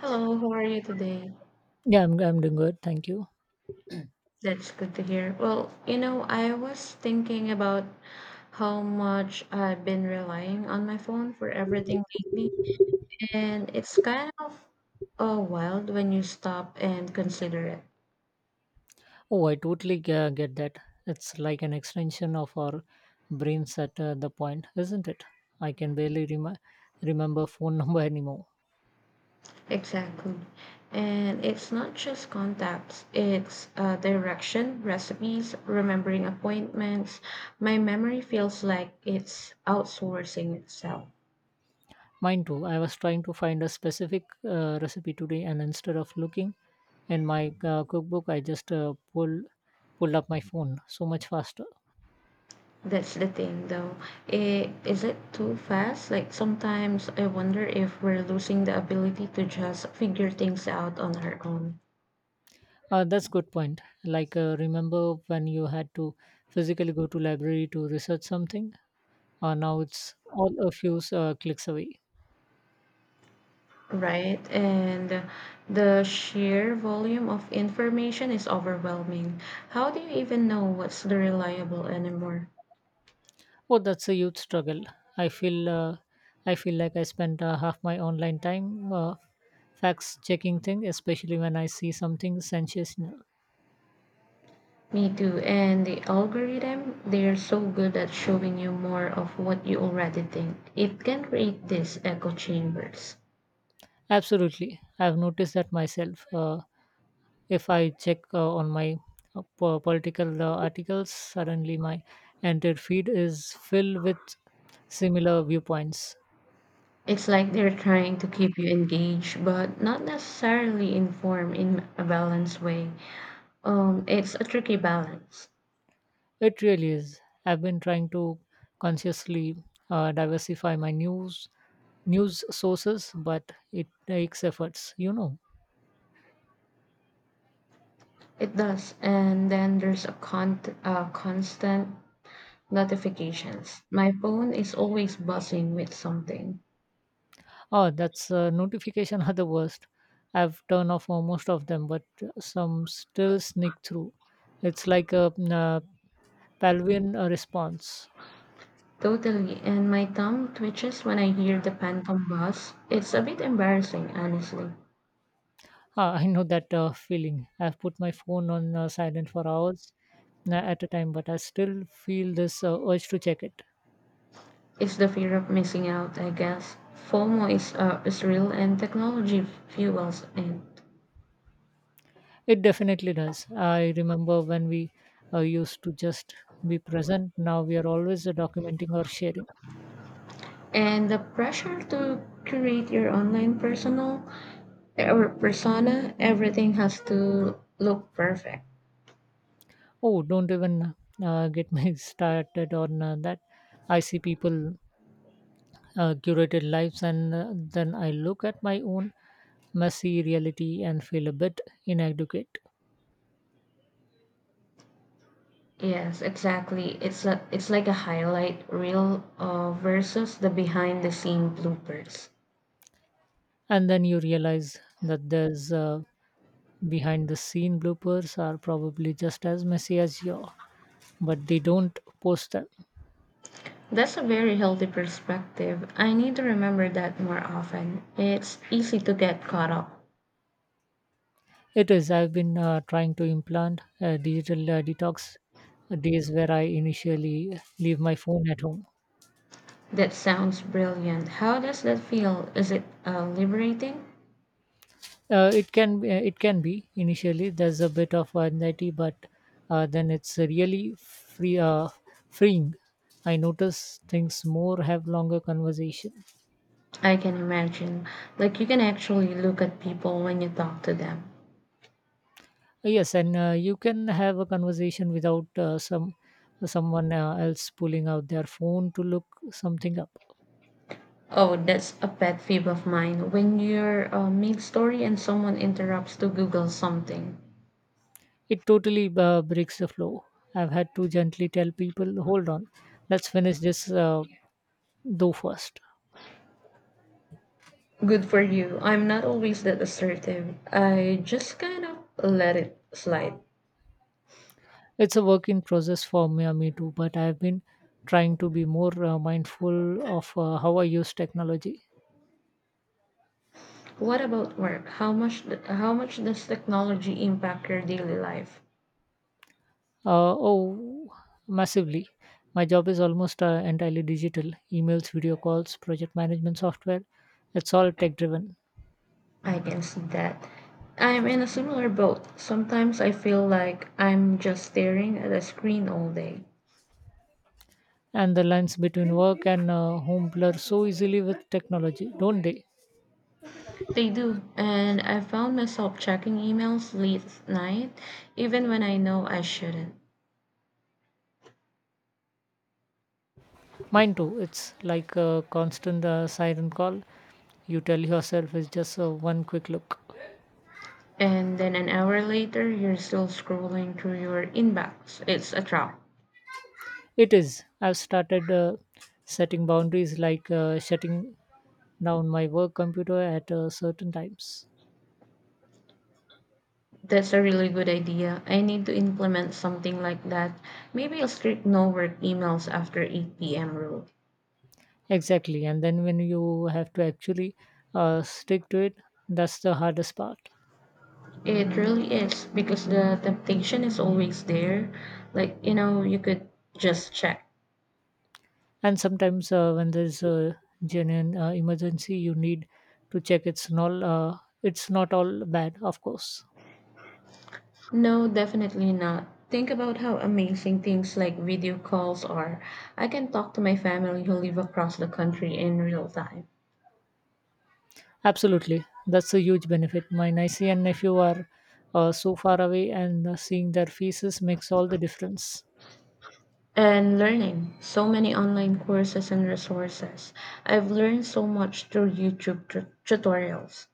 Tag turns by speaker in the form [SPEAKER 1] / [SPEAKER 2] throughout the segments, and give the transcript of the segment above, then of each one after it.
[SPEAKER 1] Hello, how are you today?
[SPEAKER 2] Yeah, I'm doing good. Thank you.
[SPEAKER 1] That's good to hear. Well, you know, I was thinking about how much I've been relying on my phone for everything lately, and it's kind of wild when you stop and consider it.
[SPEAKER 2] Oh, I totally get that. It's like an extension of our brains at the point, isn't it? I can remember phone number anymore.
[SPEAKER 1] Exactly. And it's not just contacts, it's direction, recipes, remembering appointments. My memory feels like it's outsourcing itself.
[SPEAKER 2] Mine too. I was trying to find a specific recipe today, and instead of looking in my cookbook, I just pulled up my phone so much faster.
[SPEAKER 1] That's the thing, though. Is it too fast? Like, sometimes I wonder if we're losing the ability to just figure things out on our own,
[SPEAKER 2] That's good point. Like remember when you had to physically go to library to research something? Now it's all a few clicks away.
[SPEAKER 1] right? And the sheer volume of information is overwhelming. How do you even know what's the reliable anymore?
[SPEAKER 2] Oh, that's a huge struggle. I feel uh, I feel like I spend half my online time fact checking thing, especially when I see something sensational.
[SPEAKER 1] Me too. And the algorithm, they're so good at showing you more of what you already think. It can create these echo chambers.
[SPEAKER 2] Absolutely, I've noticed that myself. If I check on my political articles, suddenly my entire feed is filled with similar viewpoints.
[SPEAKER 1] It's like they're trying to keep you engaged, but not necessarily informed in a balanced way. It's a tricky balance.
[SPEAKER 2] It really is. I've been trying to consciously diversify my news sources, but it takes efforts, you know.
[SPEAKER 1] It does, and then there's a constant notifications. My phone is always buzzing with something.
[SPEAKER 2] Oh, that's notification are the worst. I've turned off most of them, but some still sneak through. It's like a Palvian response.
[SPEAKER 1] Totally, and my thumb twitches when I hear the phantom buzz. It's a bit embarrassing, honestly.
[SPEAKER 2] Ah, I know that feeling. I've put my phone on silent for hours at a time, but I still feel this urge to check it.
[SPEAKER 1] It's the fear of missing out, I guess. FOMO is real, and technology fuels it.
[SPEAKER 2] It definitely does. I remember when we used to just be present. Now we are always documenting or sharing.
[SPEAKER 1] And the pressure to create your online personal or persona, everything has to look perfect.
[SPEAKER 2] Oh, don't even get me started on that. I see people curated lives, and then I look at my own messy reality and feel a bit inadequate.
[SPEAKER 1] Yes, exactly, it's a it's like a highlight reel versus the behind the scene bloopers.
[SPEAKER 2] And then you realize that there's behind the scene bloopers are probably just as messy as your, but they don't post them.
[SPEAKER 1] That's a very healthy perspective. I need to remember that more often. It's easy to get caught up.
[SPEAKER 2] It is. I've been trying to implant a digital detox days where I initially leave my phone at home.
[SPEAKER 1] That sounds brilliant. How does that feel? Is it liberating?
[SPEAKER 2] It it can be initially there's a bit of anxiety, but then it's really freeing. I notice things more, have longer conversation.
[SPEAKER 1] I can imagine, like you can actually look at people when you talk to them.
[SPEAKER 2] Yes, and you can have a conversation without someone else pulling out their phone to look something up.
[SPEAKER 1] Oh, that's a pet peeve of mine. When you're mid-story and someone interrupts to Google something.
[SPEAKER 2] It totally breaks the flow. I've had to gently tell people, hold on, let's finish this though first.
[SPEAKER 1] Good for you. I'm not always that assertive. I just kind of let it slide.
[SPEAKER 2] It's a work in process for me, me too, but I've been trying to be more mindful of how I use technology.
[SPEAKER 1] What about work? How much does technology impact your daily life?
[SPEAKER 2] Uh, oh, massively. My job is almost entirely digital emails, video calls, project management software. It's all tech driven.
[SPEAKER 1] I can see that. I'm in a similar boat. Sometimes I feel like I'm just staring at a screen all day.
[SPEAKER 2] And the lines between work and home blur so easily with technology, don't they?
[SPEAKER 1] They do, and I found myself checking emails late at night, even when I know I shouldn't.
[SPEAKER 2] Mine too. It's like a constant siren call. You tell yourself it's just one quick look.
[SPEAKER 1] And then an hour later, you're still scrolling through your inbox. It's a trap.
[SPEAKER 2] It is. I've started setting boundaries, like shutting down my work computer at certain times.
[SPEAKER 1] That's a really good idea. I need to implement something like that. Maybe a strict no work emails after 8 p.m. rule.
[SPEAKER 2] Exactly. And then when you have to actually stick to it, that's the hardest part.
[SPEAKER 1] It really is because the temptation is always there. Like, you know, you could just check.
[SPEAKER 2] And sometimes when there's a genuine emergency, you need to check it's not all bad, of course.
[SPEAKER 1] No, definitely not. Think about how amazing things like video calls are. I can talk to my family who live across the country in real time.
[SPEAKER 2] Absolutely, that's a huge benefit. My niece and nephew are so far away, and seeing their faces makes all the difference.
[SPEAKER 1] And learning so many online courses and resources. I've learned so much through YouTube tutorials.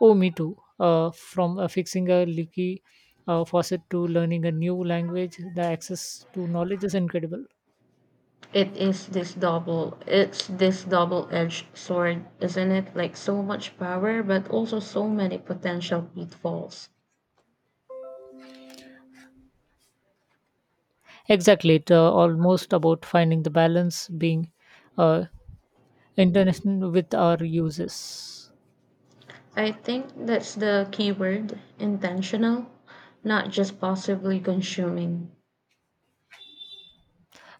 [SPEAKER 2] Oh, me too. From fixing a leaky faucet to learning a new language, the access to knowledge is incredible.
[SPEAKER 1] It is this double-edged sword, isn't it? Like so much power but also so many potential pitfalls.
[SPEAKER 2] Exactly, it's almost about finding the balance, being uh, intentional with our uses.
[SPEAKER 1] I think that's the key word, intentional, not just possibly consuming.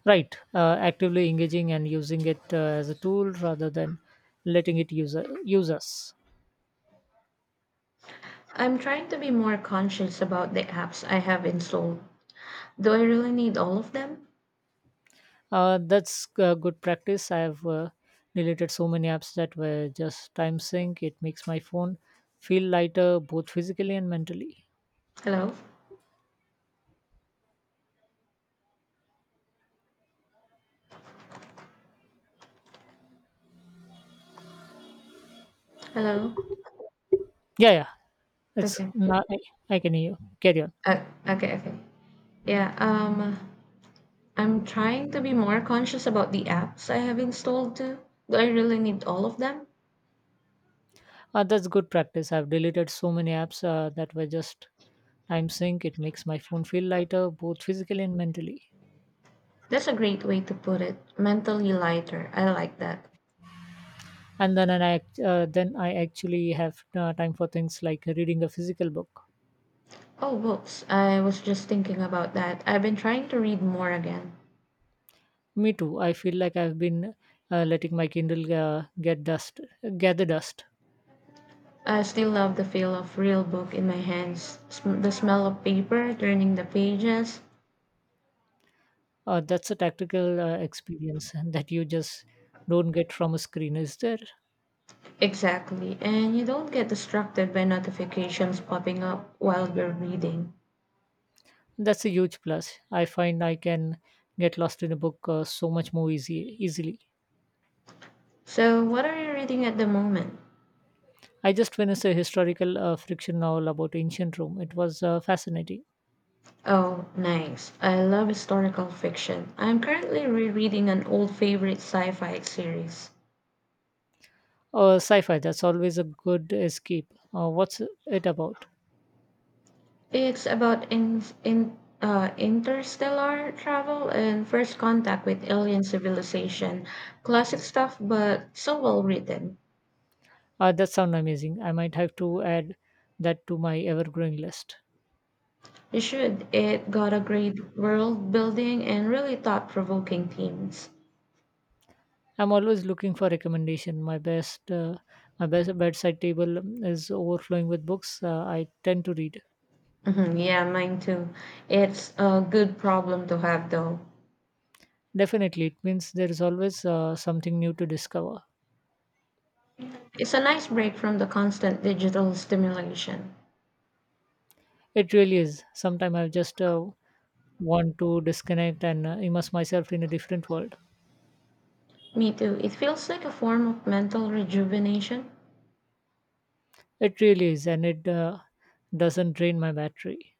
[SPEAKER 2] Right, actively engaging and using it as a tool rather than letting use us.
[SPEAKER 1] I'm trying to be more conscious about the apps I have installed. Do I really need all of them?
[SPEAKER 2] That's good practice. I have deleted so many apps that were just time sync. It makes my phone feel lighter, both physically and mentally.
[SPEAKER 1] Hello? Hello?
[SPEAKER 2] Yeah, yeah. It's
[SPEAKER 1] Okay.
[SPEAKER 2] not, I can hear you. Carry on.
[SPEAKER 1] Uh, okay, okay. Yeah, I'm trying to be more conscious about the apps I have installed too. Do I really need all of them?
[SPEAKER 2] That's good practice. I've deleted so many apps that were just time sync. It makes my phone feel lighter, both physically and mentally.
[SPEAKER 1] That's a great way to put it. Mentally lighter. I like that.
[SPEAKER 2] And then, and I, act- then I actually have time for things like reading a physical book.
[SPEAKER 1] Oh, books. I was just thinking about that. I've been trying to read more again.
[SPEAKER 2] Me too. I feel like I've been letting my Kindle gather dust.
[SPEAKER 1] I still love the feel of real book in my hands, the smell of paper, turning the pages.
[SPEAKER 2] That's a tactical experience that you just don't get from a screen. Is there?
[SPEAKER 1] Exactly. And you don't get distracted by notifications popping up while you're reading.
[SPEAKER 2] That's a huge plus. I find I can get lost in a book so much more easy easily.
[SPEAKER 1] So, what are you reading at the moment?
[SPEAKER 2] I just finished a historical fiction novel about ancient Rome. It was fascinating.
[SPEAKER 1] Oh, nice. I love historical fiction. I'm currently rereading an old favorite sci fi series.
[SPEAKER 2] Sci-fi. That's always a good escape. What's it about?
[SPEAKER 1] It's about in interstellar travel and first contact with alien civilization. Classic stuff, but so well written.
[SPEAKER 2] That sounds amazing. I might have to add that to my ever-growing list.
[SPEAKER 1] You should. It got a great world building and really thought provoking themes.
[SPEAKER 2] I'm always looking for recommendation. My best bedside table is overflowing with books I tend to read.
[SPEAKER 1] Mhm, yeah, mine too. It's a good problem to have, though.
[SPEAKER 2] Definitely, it means there is always something new to discover.
[SPEAKER 1] It's a nice break from the constant digital stimulation.
[SPEAKER 2] It really is. Sometimes I just want to disconnect and immerse myself in a different world.
[SPEAKER 1] Me too. It feels like a form of mental rejuvenation.
[SPEAKER 2] It really is, and it doesn't drain my battery.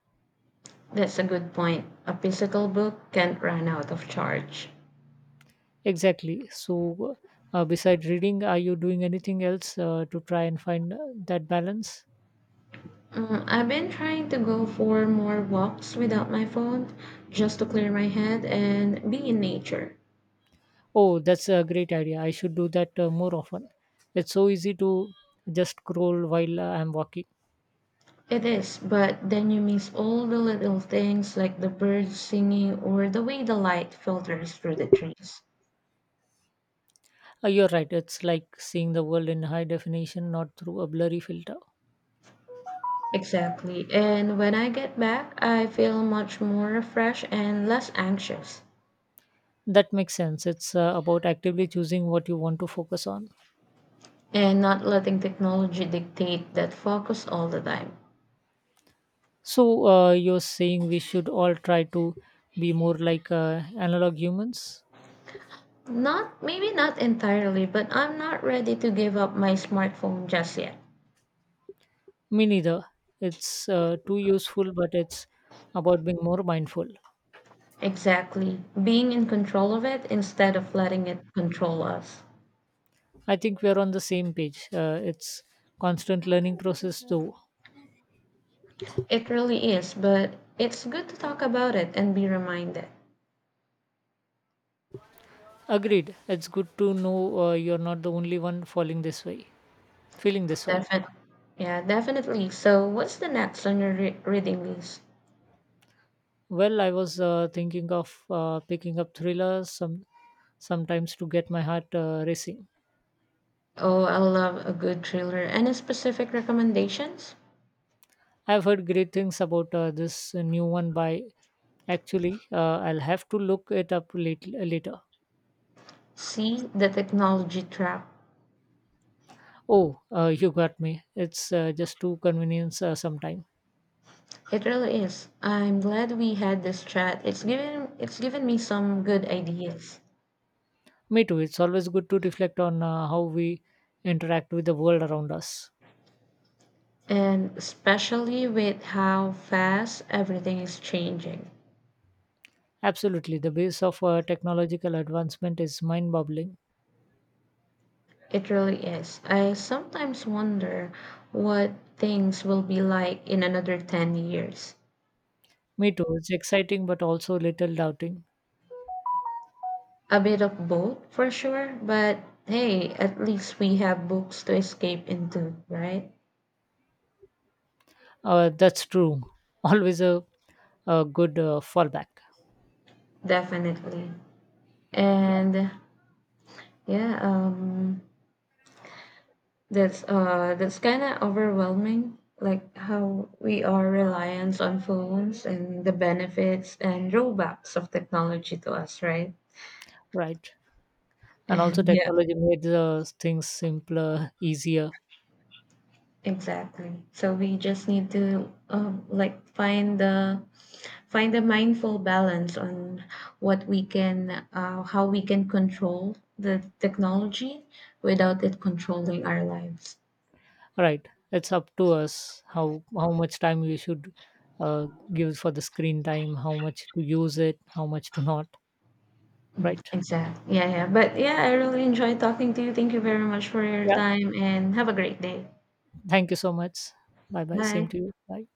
[SPEAKER 1] That's a good point. A physical book can't run out of charge.
[SPEAKER 2] Exactly. So, besides reading, are you doing anything else to try and find that balance?
[SPEAKER 1] Mm, I've been trying to go for more walks without my phone just to clear my head and be in nature.
[SPEAKER 2] Oh, that's a great idea. I should do that more often. It's so easy to just scroll while I'm walking.
[SPEAKER 1] It is, but then you miss all the little things like the birds singing or the way the light filters through the trees.
[SPEAKER 2] You're right. It's like seeing the world in high definition, not through a blurry filter.
[SPEAKER 1] Exactly. And when I get back, I feel much more refreshed and less anxious,
[SPEAKER 2] That makes sense. It's about actively choosing what you want to focus on.
[SPEAKER 1] and not letting technology dictate that focus all the time.
[SPEAKER 2] So, you're saying we should all try to be more like analog humans?
[SPEAKER 1] Not, maybe not entirely, but I'm not ready to give up my smartphone just yet.
[SPEAKER 2] Me neither. It's too useful, but it's about being more mindful.
[SPEAKER 1] Exactly. Being in control of it instead of letting it control us.
[SPEAKER 2] I think we're on the same page. It's constant learning process, though.
[SPEAKER 1] It really is, but it's good to talk about it and be reminded.
[SPEAKER 2] Agreed. It's good to know you're not the only one feeling this way.
[SPEAKER 1] Definitely. Yeah, definitely. So, what's the next on your reading list?
[SPEAKER 2] Well, I was thinking of picking up sometimes to get my heart racing.
[SPEAKER 1] Oh, I love a good thriller. Any specific recommendations?
[SPEAKER 2] I've heard great things about this new one by actually, I'll have to look it up later.
[SPEAKER 1] See the technology trap.
[SPEAKER 2] Oh, you got me. It's just too convenience sometime.
[SPEAKER 1] It really is. I'm glad we had this chat. It's given me some good ideas,
[SPEAKER 2] Me too. It's always good to reflect on how we interact with the world around us.
[SPEAKER 1] and especially with how fast everything is changing.
[SPEAKER 2] Absolutely. The pace of technological advancement is mind boggling.
[SPEAKER 1] It really is. I sometimes wonder what things will be like in another 10 years.
[SPEAKER 2] Me too. It's exciting, but also little doubting.
[SPEAKER 1] A bit of both, for sure, but hey, at least we have books to escape into, right?
[SPEAKER 2] That's true. Always a, a good fallback.
[SPEAKER 1] Definitely.
[SPEAKER 2] Yeah,
[SPEAKER 1] And yeah, that's that's kind of overwhelming, like how we are reliant on phones and the benefits and drawbacks of technology to us, right?
[SPEAKER 2] right. And also,
[SPEAKER 1] And yeah,
[SPEAKER 2] technology made things simpler, easier.
[SPEAKER 1] exactly. So we just need to like find the find a mindful balance on what we can how we can control the technology without it controlling our lives.
[SPEAKER 2] Right. It's up to us how much time we should uh, give for the screen time, how much to use it, how much to not. Right.
[SPEAKER 1] Exactly. Yeah, yeah. But yeah, I really enjoyed talking to you. Thank you very much for your
[SPEAKER 2] Yeah.
[SPEAKER 1] time and have a great day.
[SPEAKER 2] Thank you so much. Bye bye.
[SPEAKER 1] Bye.
[SPEAKER 2] Same to you. Bye.